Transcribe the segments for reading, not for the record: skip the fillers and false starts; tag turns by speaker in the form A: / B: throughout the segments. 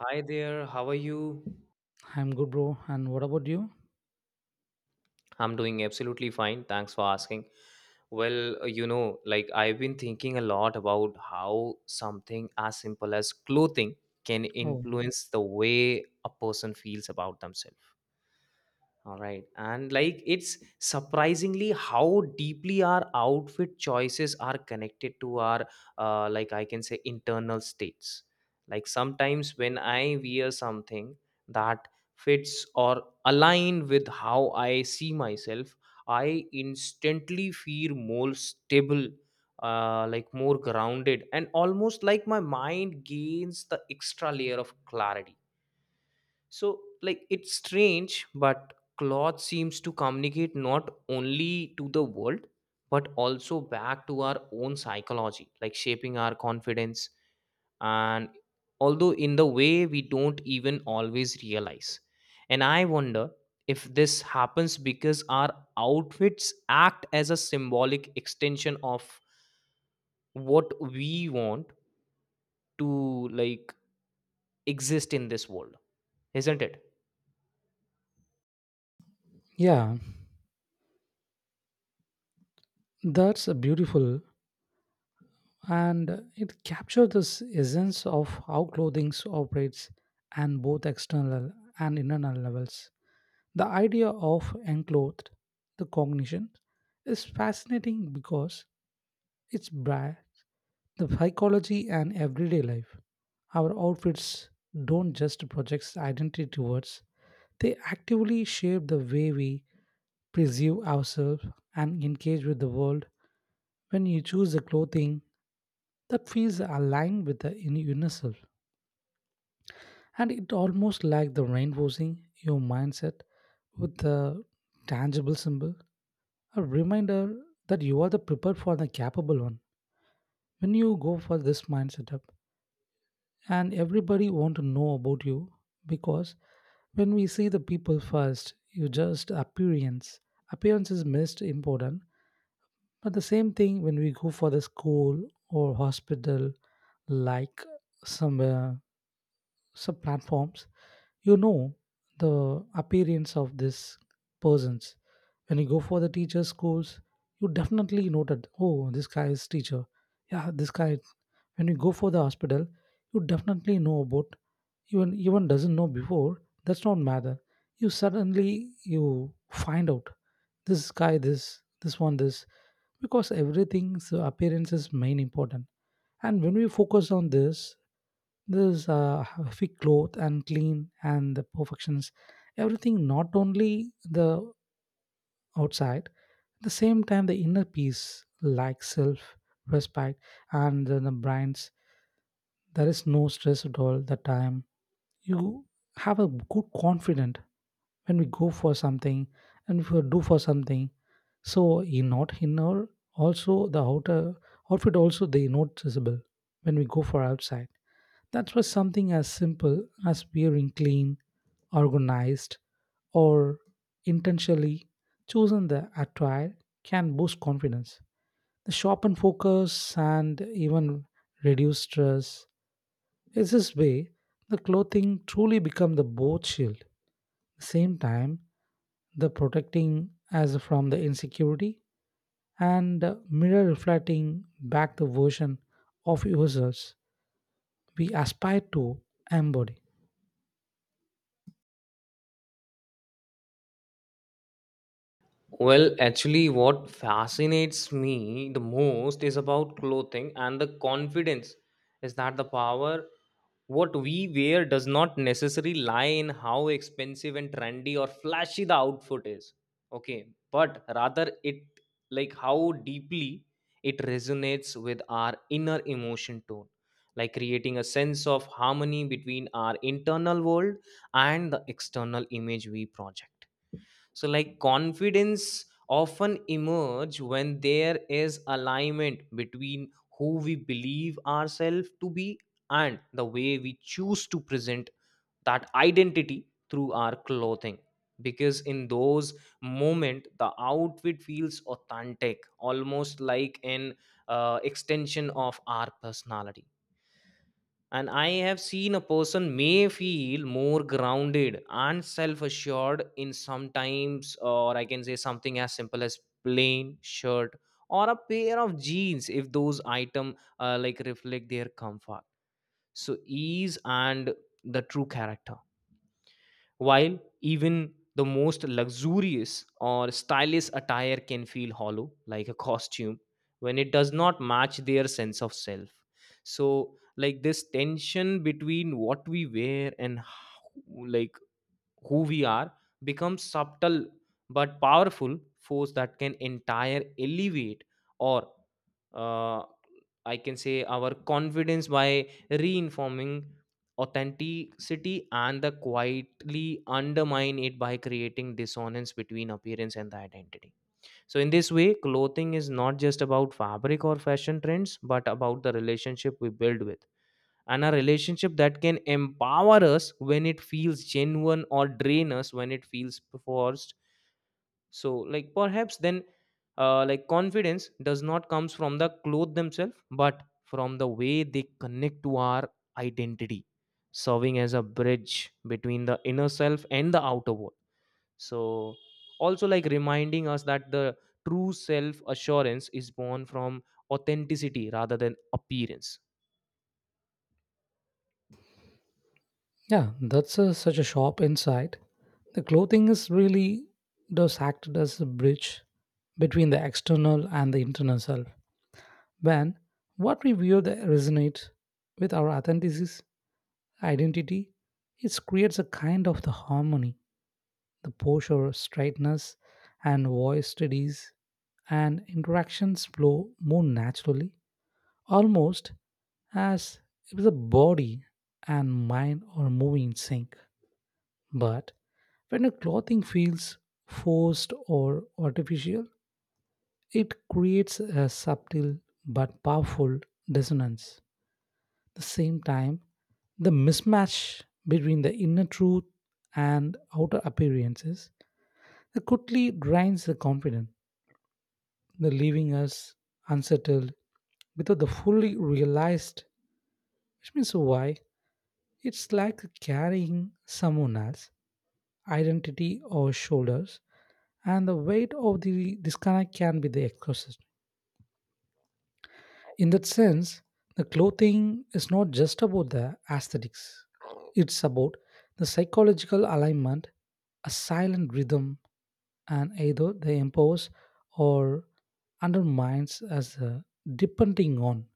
A: Hi there, how are you?
B: I'm good, bro. And what about you?
A: I'm doing absolutely fine. Thanks for asking. Well, I've been thinking a lot about how something as simple as clothing can
B: Oh,
A: influence the way a person feels about themselves. All right. And like it's surprisingly how deeply our outfit choices are connected to our like I can say internal states. Like sometimes when I wear something that fits or align with how I see myself, I instantly feel more stable, like more grounded, and almost like my mind gains the extra layer of clarity, so, like, it's strange, but cloth seems to communicate not only to the world, but also back to our own psychology, like shaping our confidence. And although in the way we don't even always realize. And I wonder if this happens because our outfits act as a symbolic extension of what we want to like exist in this world, isn't it?
B: yeah, that's a beautiful. And it captures this essence of how clothing operates and both external and internal levels. The idea of enclothed, the cognition, is fascinating because it's bra- the psychology and everyday life. Our outfits don't just project identity towards, they actively shape the way we preserve ourselves and engage with the world when you choose a clothing that feels aligned with the in inner self, and it almost like the reinforcing your mindset with the tangible symbol, a reminder that you are the prepared for the capable one when you go for this mindset up, and everybody want to know about you, because when we see the people first, you just appearance is most important. But the same thing when we go for the school or hospital, like some uh, some platforms, you know the appearance of these persons. When you go for the teacher schools, you definitely noted, oh, this guy is teacher. Yeah, this guy. When you go for the hospital, you definitely know about, even doesn't know before, that's not matter, you suddenly you find out this guy, this one this, because everything's appearance is main important. And when we focus on this, this uh, fit cloth and clean and the perfections, everything, not only the outside, at the same time the inner peace like self respect and the brands, there is no stress at all the time. You have a good confident when we go for something, and if you do for something, so in not inner, also the outer outfit also they noticeable when we go for outside, that was something as simple as wearing clean, organized, or intentionally chosen the attire, can boost confidence, the sharpen focus, and even reduce stress. In this way, the clothing truly become the boat shield, same time, the protecting as from the insecurity, and mirror reflecting back the version of yourselves we aspire to embody.
A: Well, actually, what fascinates me the most is about clothing and the confidence is that the power what we wear does not necessarily lie in how expensive and trendy or flashy the outfit is. Okay, but rather it like how deeply it resonates with our inner emotion tone, like creating a sense of harmony between our internal world and the external image we project, so like confidence often emerge when there is alignment between who we believe ourselves to be and the way we choose to present that identity through our clothing, because in those moment the outfit feels authentic almost like an extension of our personality. And I have seen a person may feel more grounded and self assured in sometimes, or I can say something as simple as plain shirt or a pair of jeans if those item like reflect their comfort. So ease and the true character. While even the most luxurious or stylish attire can feel hollow, like a costume, when it does not match their sense of self. So, like this tension between what we wear, like who we are becomes subtle but powerful force that can entire elevate or uh, I can say our confidence by reinforming authenticity and the quietly undermine it by creating dissonance between appearance and the identity. So in this way, clothing is not just about fabric or fashion trends, but about the relationship we build with. And a relationship that can empower us when it feels genuine or drain us when it feels forced, so like perhaps then like confidence does not comes from the clothes themselves but from the way they connect to our identity, serving as a bridge between the inner self and the outer world. So also like reminding us that the true self assurance is born from authenticity rather than appearance.
B: Yeah, that's such a sharp insight. The clothing is really does act as a bridge between the external and the internal self. When what we wear that resonates with our authenticity, identity, it creates a kind of the harmony, the posture, straightness, and voice studies, and interactions flow more naturally, almost as if the body and mind are moving in sync. But when a clothing feels forced or artificial, it creates a subtle but powerful dissonance. At the same time, the mismatch between the inner truth and outer appearances. It quickly drains the confidence, the leaving us unsettled without the fully realized, which means why it's like carrying someone else's identity or shoulders, and the weight of the disconnect can be the exhausted. In that sense, the clothing is not just about the aesthetics. It's about the psychological alignment, a silent rhythm, and either they impose or undermines us, depending on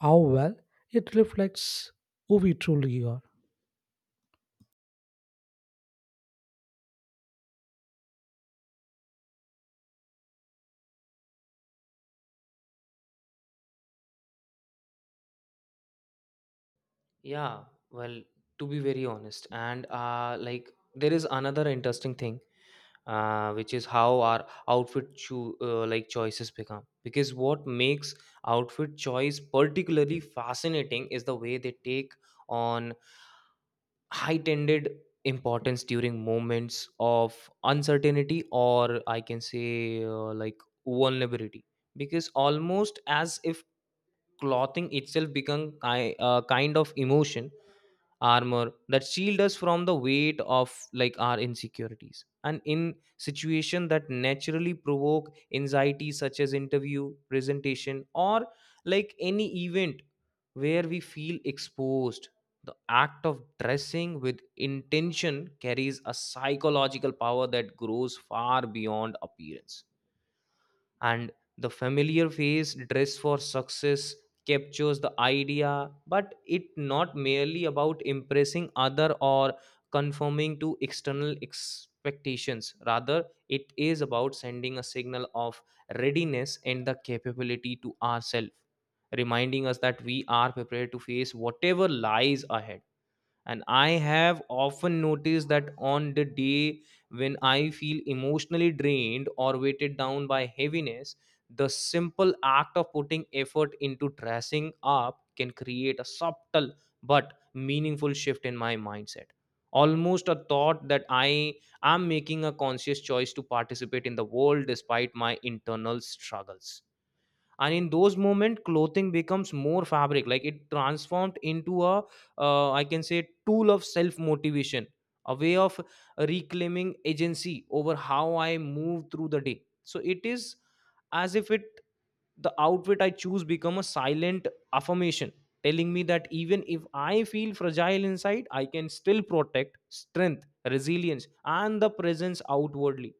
B: how well it reflects who we truly are.
A: Yeah, well, to be very honest and like there is another interesting thing, which is how our outfit choices become because what makes outfit choice particularly fascinating is the way they take on heightened importance during moments of uncertainty, or I can say like vulnerability, because almost as if clothing itself become kind of emotion armor that shield us from the weight of like our insecurities. And in situation that naturally provoke anxiety such as interview presentation or like any event where we feel exposed, the act of dressing with intention carries a psychological power that grows far beyond appearance. And the familiar face "dress for success" captures the idea, but it not merely about impressing other or conforming to external expectations. Rather it is about sending a signal of readiness and the capability to ourselves, reminding us that we are prepared to face whatever lies ahead. And I have often noticed that on the day when I feel emotionally drained or weighted down by heaviness, the simple act of putting effort into dressing up can create a subtle but meaningful shift in my mindset, almost a thought that I am making a conscious choice to participate in the world despite my internal struggles. And in those moments clothing becomes more fabric, like it transformed into a I can say tool of self motivation, a way of reclaiming agency over how I move through the day. So it is as if it the outfit I choose become a silent affirmation, telling me that even if I feel fragile inside I can still protect strength, resilience, and the presence outwardly.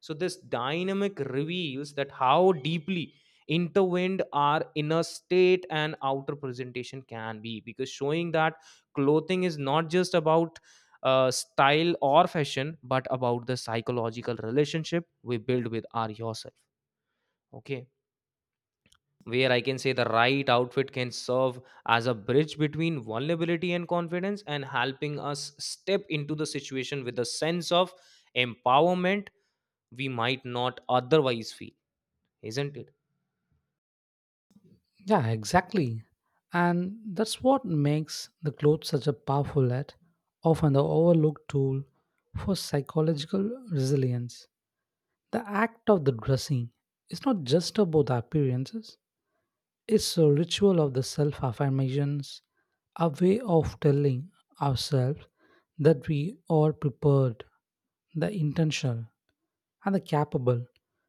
A: So this dynamic reveals that how deeply intertwined our inner state and outer presentation can be, because showing that clothing is not just about style or fashion but about the psychological relationship we build with our yourself. Okay, where I can say the right outfit can serve as a bridge between vulnerability and confidence and helping us step into the situation with a sense of empowerment we might not otherwise feel, isn't it?
B: Yeah, exactly. And that's what makes the clothes such a powerful yet often the overlooked tool for psychological resilience. The act of the dressing is not just about the appearances. It's a ritual of the self affirmations, a way of telling ourselves that we are prepared, the intentional, and the capable.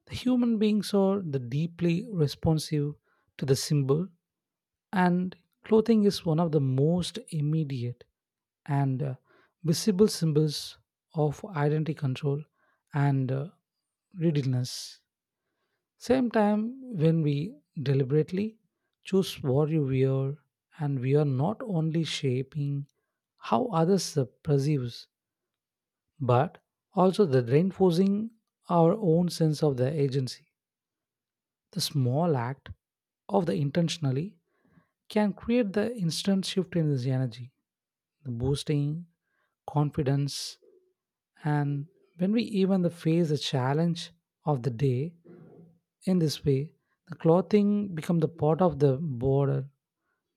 B: The human beings are the deeply responsive to the symbol, and clothing is one of the most immediate and visible symbols of identity control and readiness. Same time, when we deliberately choose what you wear, and we are not only shaping how others perceive us, but also the reinforcing our own sense of the agency. The small act of the intentionally can create the instant shift in this energy, the boosting confidence, and when we even the face the challenge of the day, in this way, the clothing become the part of the border.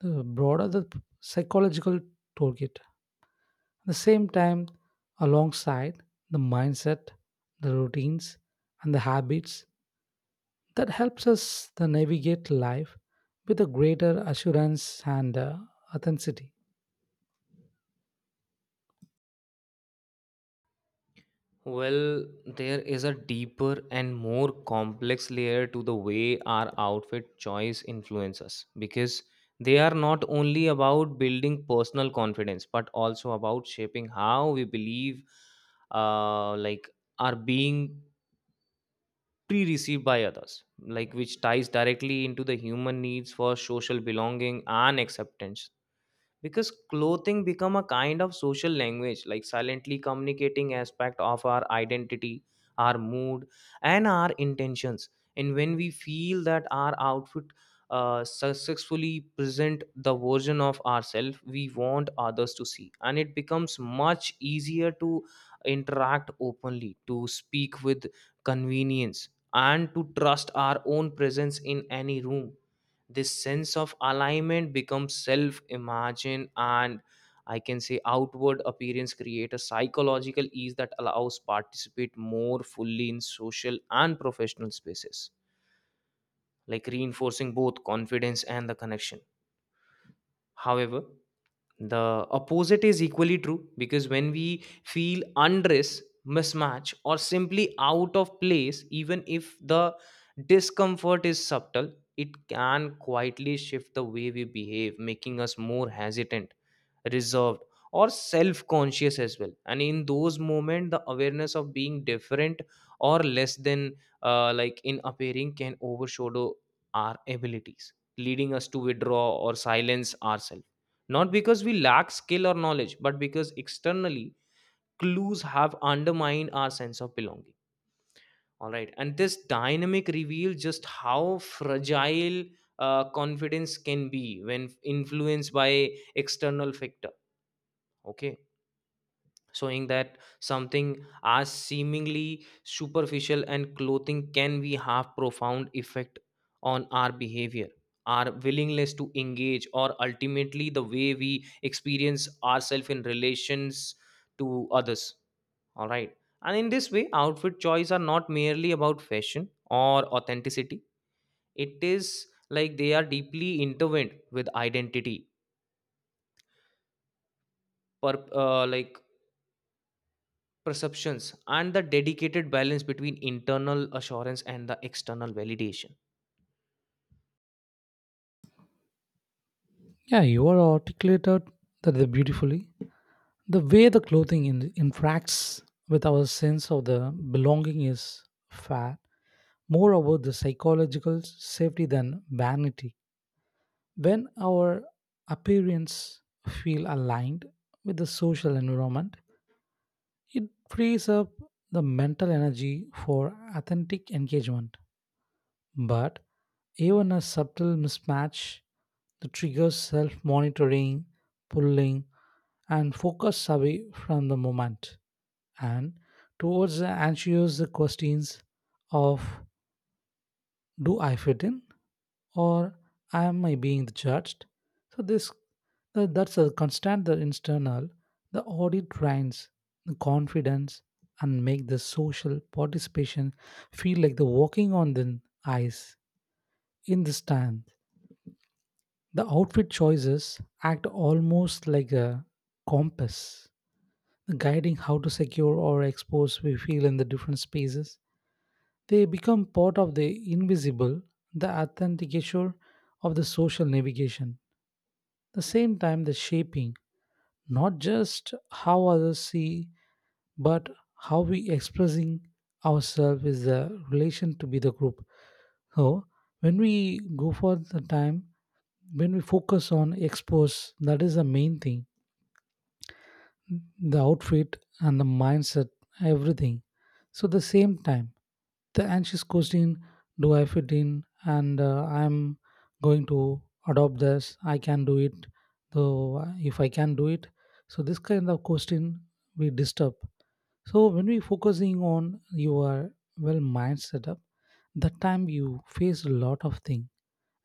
B: The broader the psychological toolkit, at the same time, alongside the mindset, the routines, and the habits that helps us to navigate life with a greater assurance and authenticity.
A: Well, there is a deeper and more complex layer to the way our outfit choice influences, because they are not only about building personal confidence but also about shaping how we believe like are being pre-received by others, like which ties directly into the human needs for social belonging and acceptance, because clothing become a kind of social language, like silently communicating aspect of our identity, our mood, and our intentions. And when we feel that our outfit successfully present the version of ourselves we want others to see, and it becomes much easier to interact openly, to speak with convenience, and to trust our own presence in any room. This sense of alignment becomes self imagine and I can say outward appearance create a psychological ease that allows participate more fully in social and professional spaces, like reinforcing both confidence and the connection. However, the opposite is equally true, because when we feel undress, mismatch, or simply out of place, even if the discomfort is subtle, it can quietly shift the way we behave, making us more hesitant, reserved, or self conscious as well. And in those moments the awareness of being different or less than like in appearing can overshadow our abilities, leading us to withdraw or silence ourselves, not because we lack skill or knowledge but because externally clues have undermined our sense of belonging. All right, and this dynamic reveals just how fragile confidence can be when influenced by external factor. Okay, showing that something as seemingly superficial and clothing can be have profound effect on our behavior, our willingness to engage, or ultimately the way we experience ourselves in relations to others. All right, and in this way outfit choice are not merely about fashion or authenticity, it is like they are deeply intertwined with identity, like perceptions and the dedicated balance between internal assurance and the external validation.
B: Yeah, you are articulated that the beautifully. The way the clothing interacts with our sense of the belonging is fair. About the psychological safety than vanity. When our appearance feel aligned with the social environment, it frees up the mental energy for authentic engagement. But even a subtle mismatch that triggers self-monitoring, pulling, and focus away from the moment and towards the anxious questions of, do I fit in, or am I being judged? So this that's a constant, the internal, the audit drains the confidence and make the social participation feel like the walking on the ice in the stand. The outfit choices act almost like a compass, guiding how to secure or expose we feel in the different spaces. They become part of the invisible, the authenticator of the social navigation. The same time, the shaping not just how others see, but how we expressing ourselves is the relation to be the group. So when we go for the time, when we focus on expose, that is the main thing, the outfit and the mindset, everything. So the same time, the anxious question, do I fit in? And I'm going to adopt this. I can do it. Though if I can do it, so this kind of question we disturb. So when we focusing on your well mind setup, that time you face a lot of thing,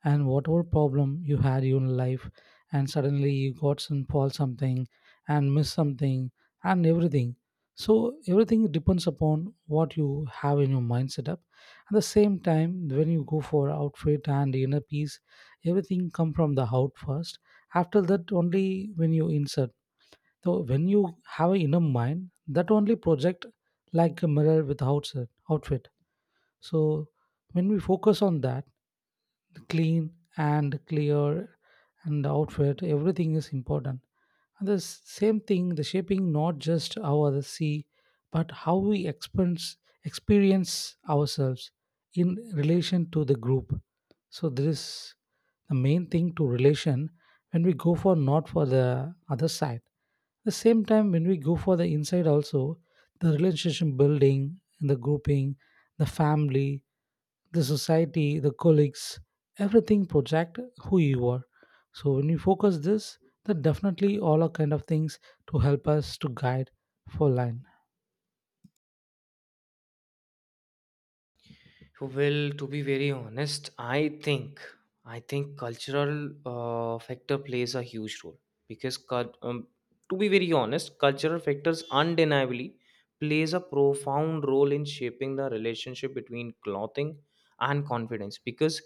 B: and whatever problem you had in life, and suddenly you got some fall something and miss something and everything, so everything depends upon what you have in your mind setup. At the same time when you go for outfit and inner peace, everything come from the out first, after that only when you insert. So when you have an inner mind, that only project like a mirror with outside outfit. So when we focus on that clean and clear and outfit, everything is important, and the same thing, the shaping not just how others see, but how we experience ourselves in relation to the group. So there is the main thing to relation when we go for not for the other side. The same time when we go for the inside also, the relationship building and the grouping, the family, the society, the colleagues, everything project who you are. So when you focus this, that definitely all are kind of things to help us to guide for line.
A: Well, to be very honest think I think cultural factor plays a huge role, because to be very honest cultural factors undeniably plays a profound role in shaping the relationship between clothing and confidence, because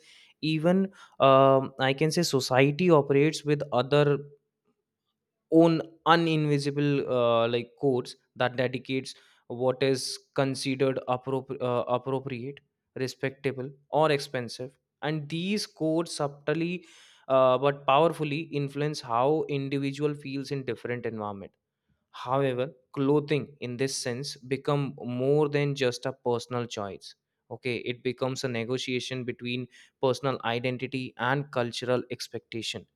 A: even I can say society operates with other own uninvisible like codes that dedicates what is considered appropriate, respectable, or expensive, and these codes subtly but powerfully influence how individual feels in different environment. However clothing in this sense become more than just a personal choice. Okay, it becomes a negotiation between personal identity and cultural expectation.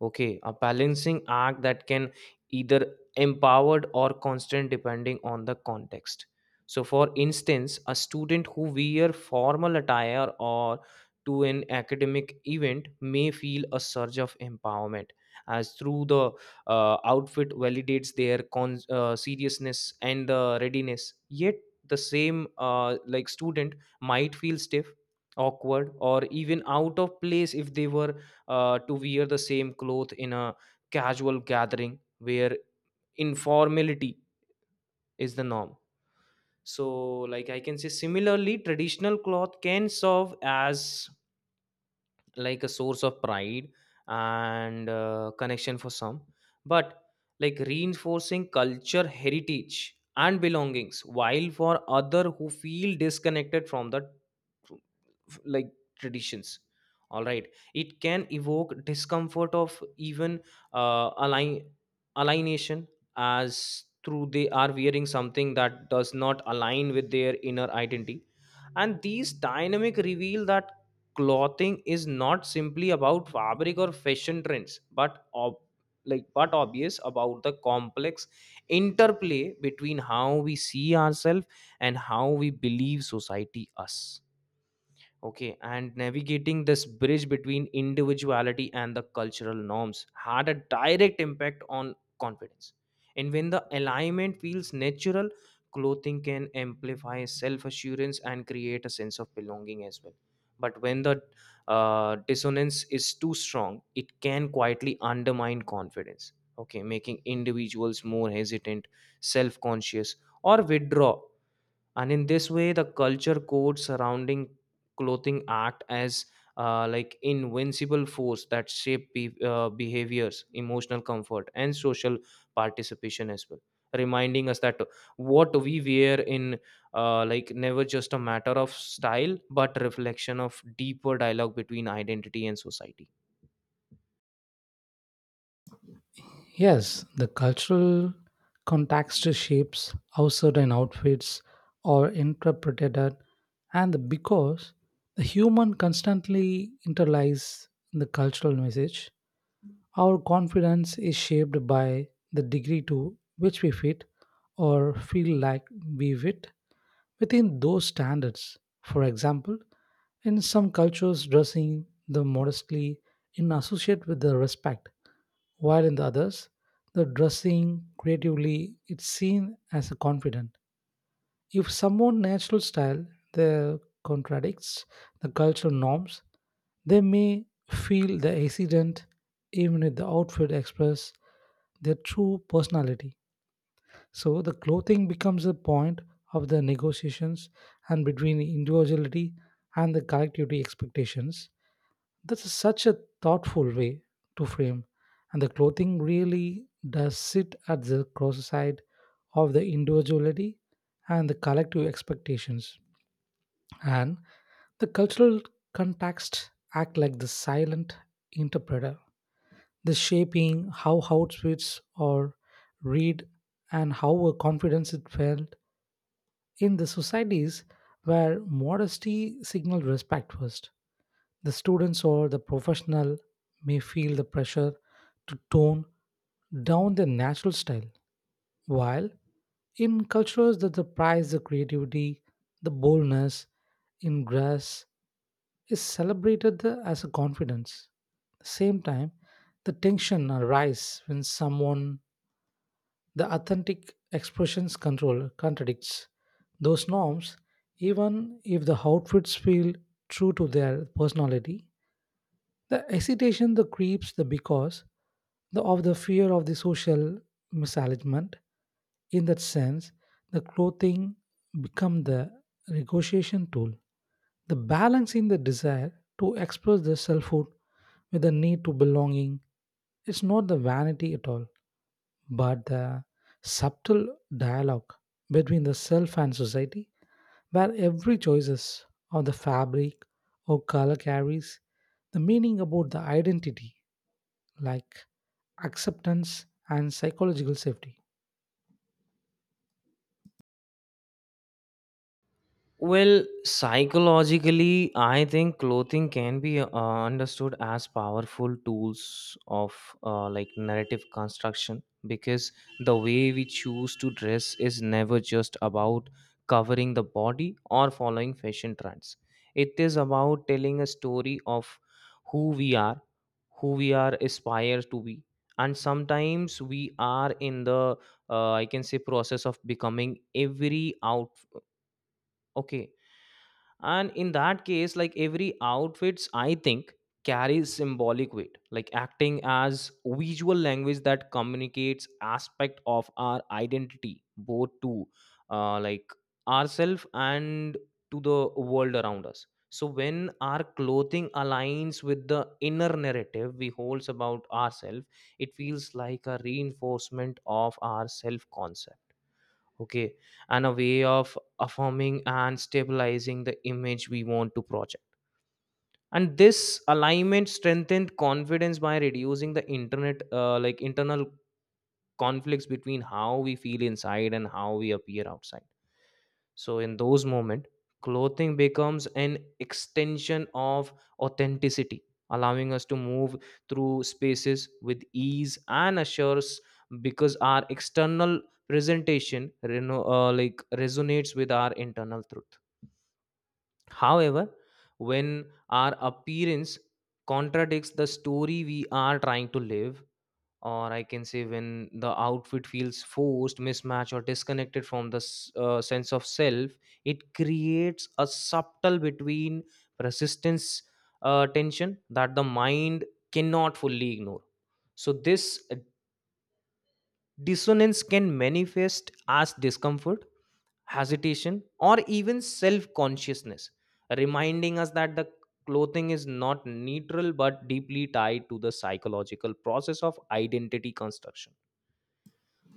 A: Okay, a balancing act that can either empowered or constant depending on the context. So, for instance, a student who wear formal attire or to an academic event may feel a surge of empowerment as through the outfit validates their seriousness and the readiness, yet the same like student might feel stiff, awkward, or even out of place if they were to wear the same cloth in a casual gathering where informality is the norm. So like I can say similarly traditional cloth can serve as like a source of pride and connection for some, but like reinforcing culture heritage and belongings, while for other who feel disconnected from that like traditions, all right, it can evoke discomfort of even uh, align alignation as through they are wearing something that does not align with their inner identity. And these dynamic reveal that clothing is not simply about fabric or fashion trends but ob- but obvious about the complex interplay between how we see ourselves and how we believe society us. Okay, and navigating this bridge between individuality and the cultural norms had a direct impact on confidence. And when the alignment feels natural, clothing can amplify self assurance and create a sense of belonging as well. But when the dissonance is too strong, it can quietly undermine confidence, okay, making individuals more hesitant, self conscious, or withdraw. And in this way, the culture code surrounding clothing act as like invincible force that shape behaviors, emotional comfort and social participation as well, reminding us that what we wear in like never just a matter of style but reflection of deeper dialogue between identity and society.
B: Yes, the cultural context shapes how certain outfits are interpreted, and the because the human constantly internalize the cultural message, our confidence is shaped by the degree to which we fit or feel like we fit within those standards. For example, in some cultures, dressing the modestly in associate with the respect, while in the others, the dressing creatively is seen as a confident. If someone natural style they contradicts the cultural norms, they may feel the accident even if the outfit express their true personality. So the clothing becomes a point of the negotiations, and between individuality and the collectivity expectations. That's such a thoughtful way to frame, and the clothing really does sit at the cross side of the individuality and the collective expectations. And the cultural context act like the silent interpreter, the shaping how outfits are read and how a confidence it felt in the societies where modesty signals respect first, the students or the professional may feel the pressure to tone down their natural style. While in cultures that the prize the creativity, the boldness in grass is celebrated as a confidence. At the same time, the tension arises when someone the authentic expressions control contradicts those norms, even if the outfits feel true to their personality. The hesitation that creeps the because of the fear of the social misalignment. In that sense, the clothing become the negotiation tool. The balance in the desire to express the selfhood with the need to belonging is not the vanity at all, but the subtle dialogue between the self and society, where every choices of the fabric or color carries the meaning about the identity, like acceptance and psychological safety.
A: Well, psychologically, I think clothing can be understood as powerful tools of like narrative construction, because the way we choose to dress is never just about covering the body or following fashion trends. It is about telling a story of who we are, who we are aspired to be, and sometimes we are in the I can say process of becoming every out. Okay, and in that case, like every outfits, I think, carries symbolic weight, like acting as visual language that communicates aspect of our identity both to like ourself and to the world around us. So when our clothing aligns with the inner narrative we holds about ourselves, it feels like a reinforcement of our self concept. Okay, and a way of affirming and stabilizing the image we want to project. And this alignment strengthened confidence by reducing the internet like internal conflicts between how we feel inside and how we appear outside. So in those moments, clothing becomes an extension of authenticity, allowing us to move through spaces with ease and assures, because our external presentation resonates with our internal truth. However, when our appearance contradicts the story we are trying to live, or I can say, when the outfit feels forced, mismatched or disconnected from the sense of self, it creates a subtle between persistence tension that the mind cannot fully ignore. So this dissonance can manifest as discomfort, hesitation or even self consciousness, reminding us that the clothing is not neutral but deeply tied to the psychological process of identity construction.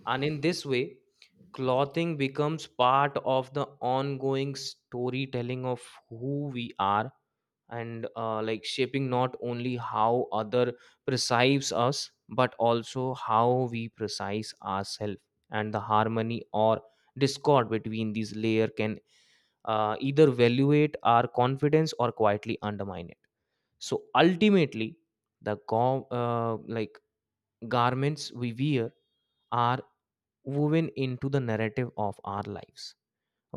A: And in this way, clothing becomes part of the ongoing storytelling of who we are, and like shaping not only how other perceives us but also how we perceive ourselves. And the harmony or discord between these layer can either evaluate our confidence or quietly undermine it. So ultimately, the garments we wear are woven into the narrative of our lives.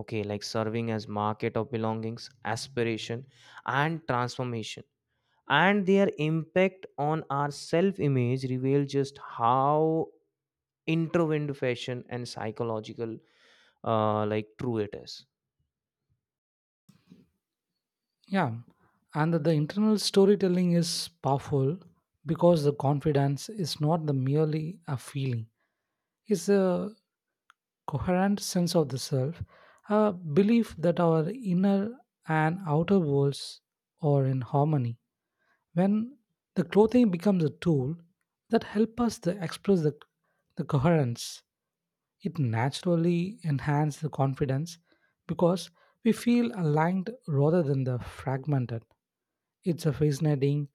A: Okay, like serving as market of belongings, aspiration and transformation, and their impact on our self image reveal just how intertwined fashion and psychological like true it is.
B: Yeah, and that the internal storytelling is powerful because the confidence is not the merely a feeling; it's a coherent sense of the self, a belief that our inner and outer worlds are in harmony. When the clothing becomes a tool that helps us to express the coherence, it naturally enhances the confidence because we feel aligned rather than the fragmented. It's a fascinating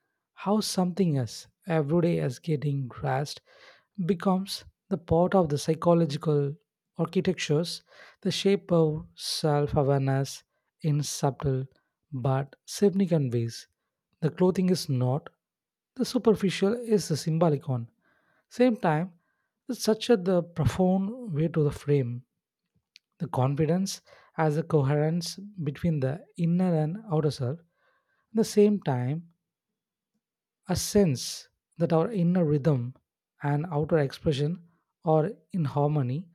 B: how something as everyday as getting grasped becomes the part of the psychological architectures, the shape of self awareness in subtle but significant ways. The clothing is not, the superficial is the symbolic one. Same time, it's such a the profound way to the frame. The confidence as a coherence between the inner and outer self. At the same time, a sense that our inner rhythm and outer expression are in harmony,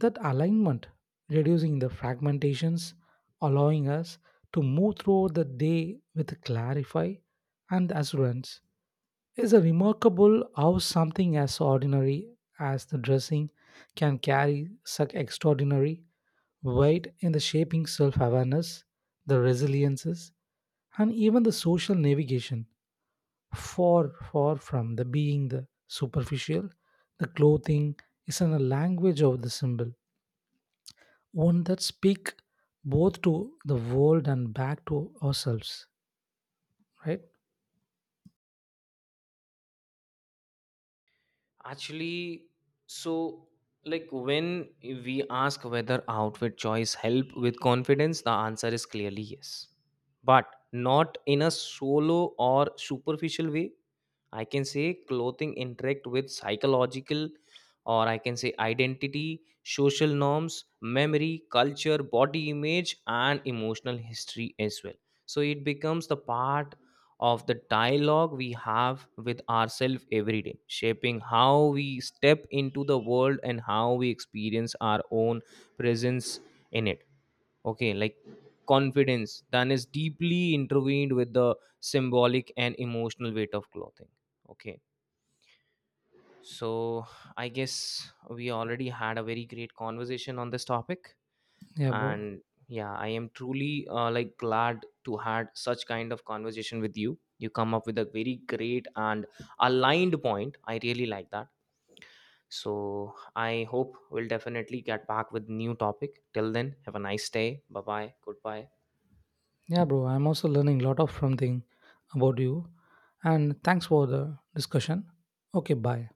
B: that alignment reducing the fragmentations, allowing us to move throughout the day with clarify and assurance. Is a remarkable how something as ordinary as the dressing can carry such extraordinary weight in the shaping self awareness, the resiliences, and even the social navigation, far far from the being the superficial, the clothing is in a language of the symbol, one that speak both to the world and back to ourselves, right?
A: Actually, so like when we ask whether outfit choice help with confidence, the answer is clearly yes, but not in a solo or superficial way. I can say clothing interact with psychological, or I can say identity, social norms, memory, culture, body image, and emotional history as well. So it becomes the part of the dialogue we have with ourselves every day, shaping how we step into the world and how we experience our own presence in it. Okay, like confidence then is deeply intertwined with the symbolic and emotional weight of clothing. Okay, so I guess we already had a very great conversation on this topic.
B: Yeah, bro.
A: And yeah, I am truly like glad to had such kind of conversation with you. You come up with a very great and aligned point, I really like that. So I hope we'll definitely get back with new topic. Till then, have a nice day, bye bye, goodbye.
B: Yeah, bro, I'm also learning a lot of something about you, and thanks for the discussion. Okay, bye.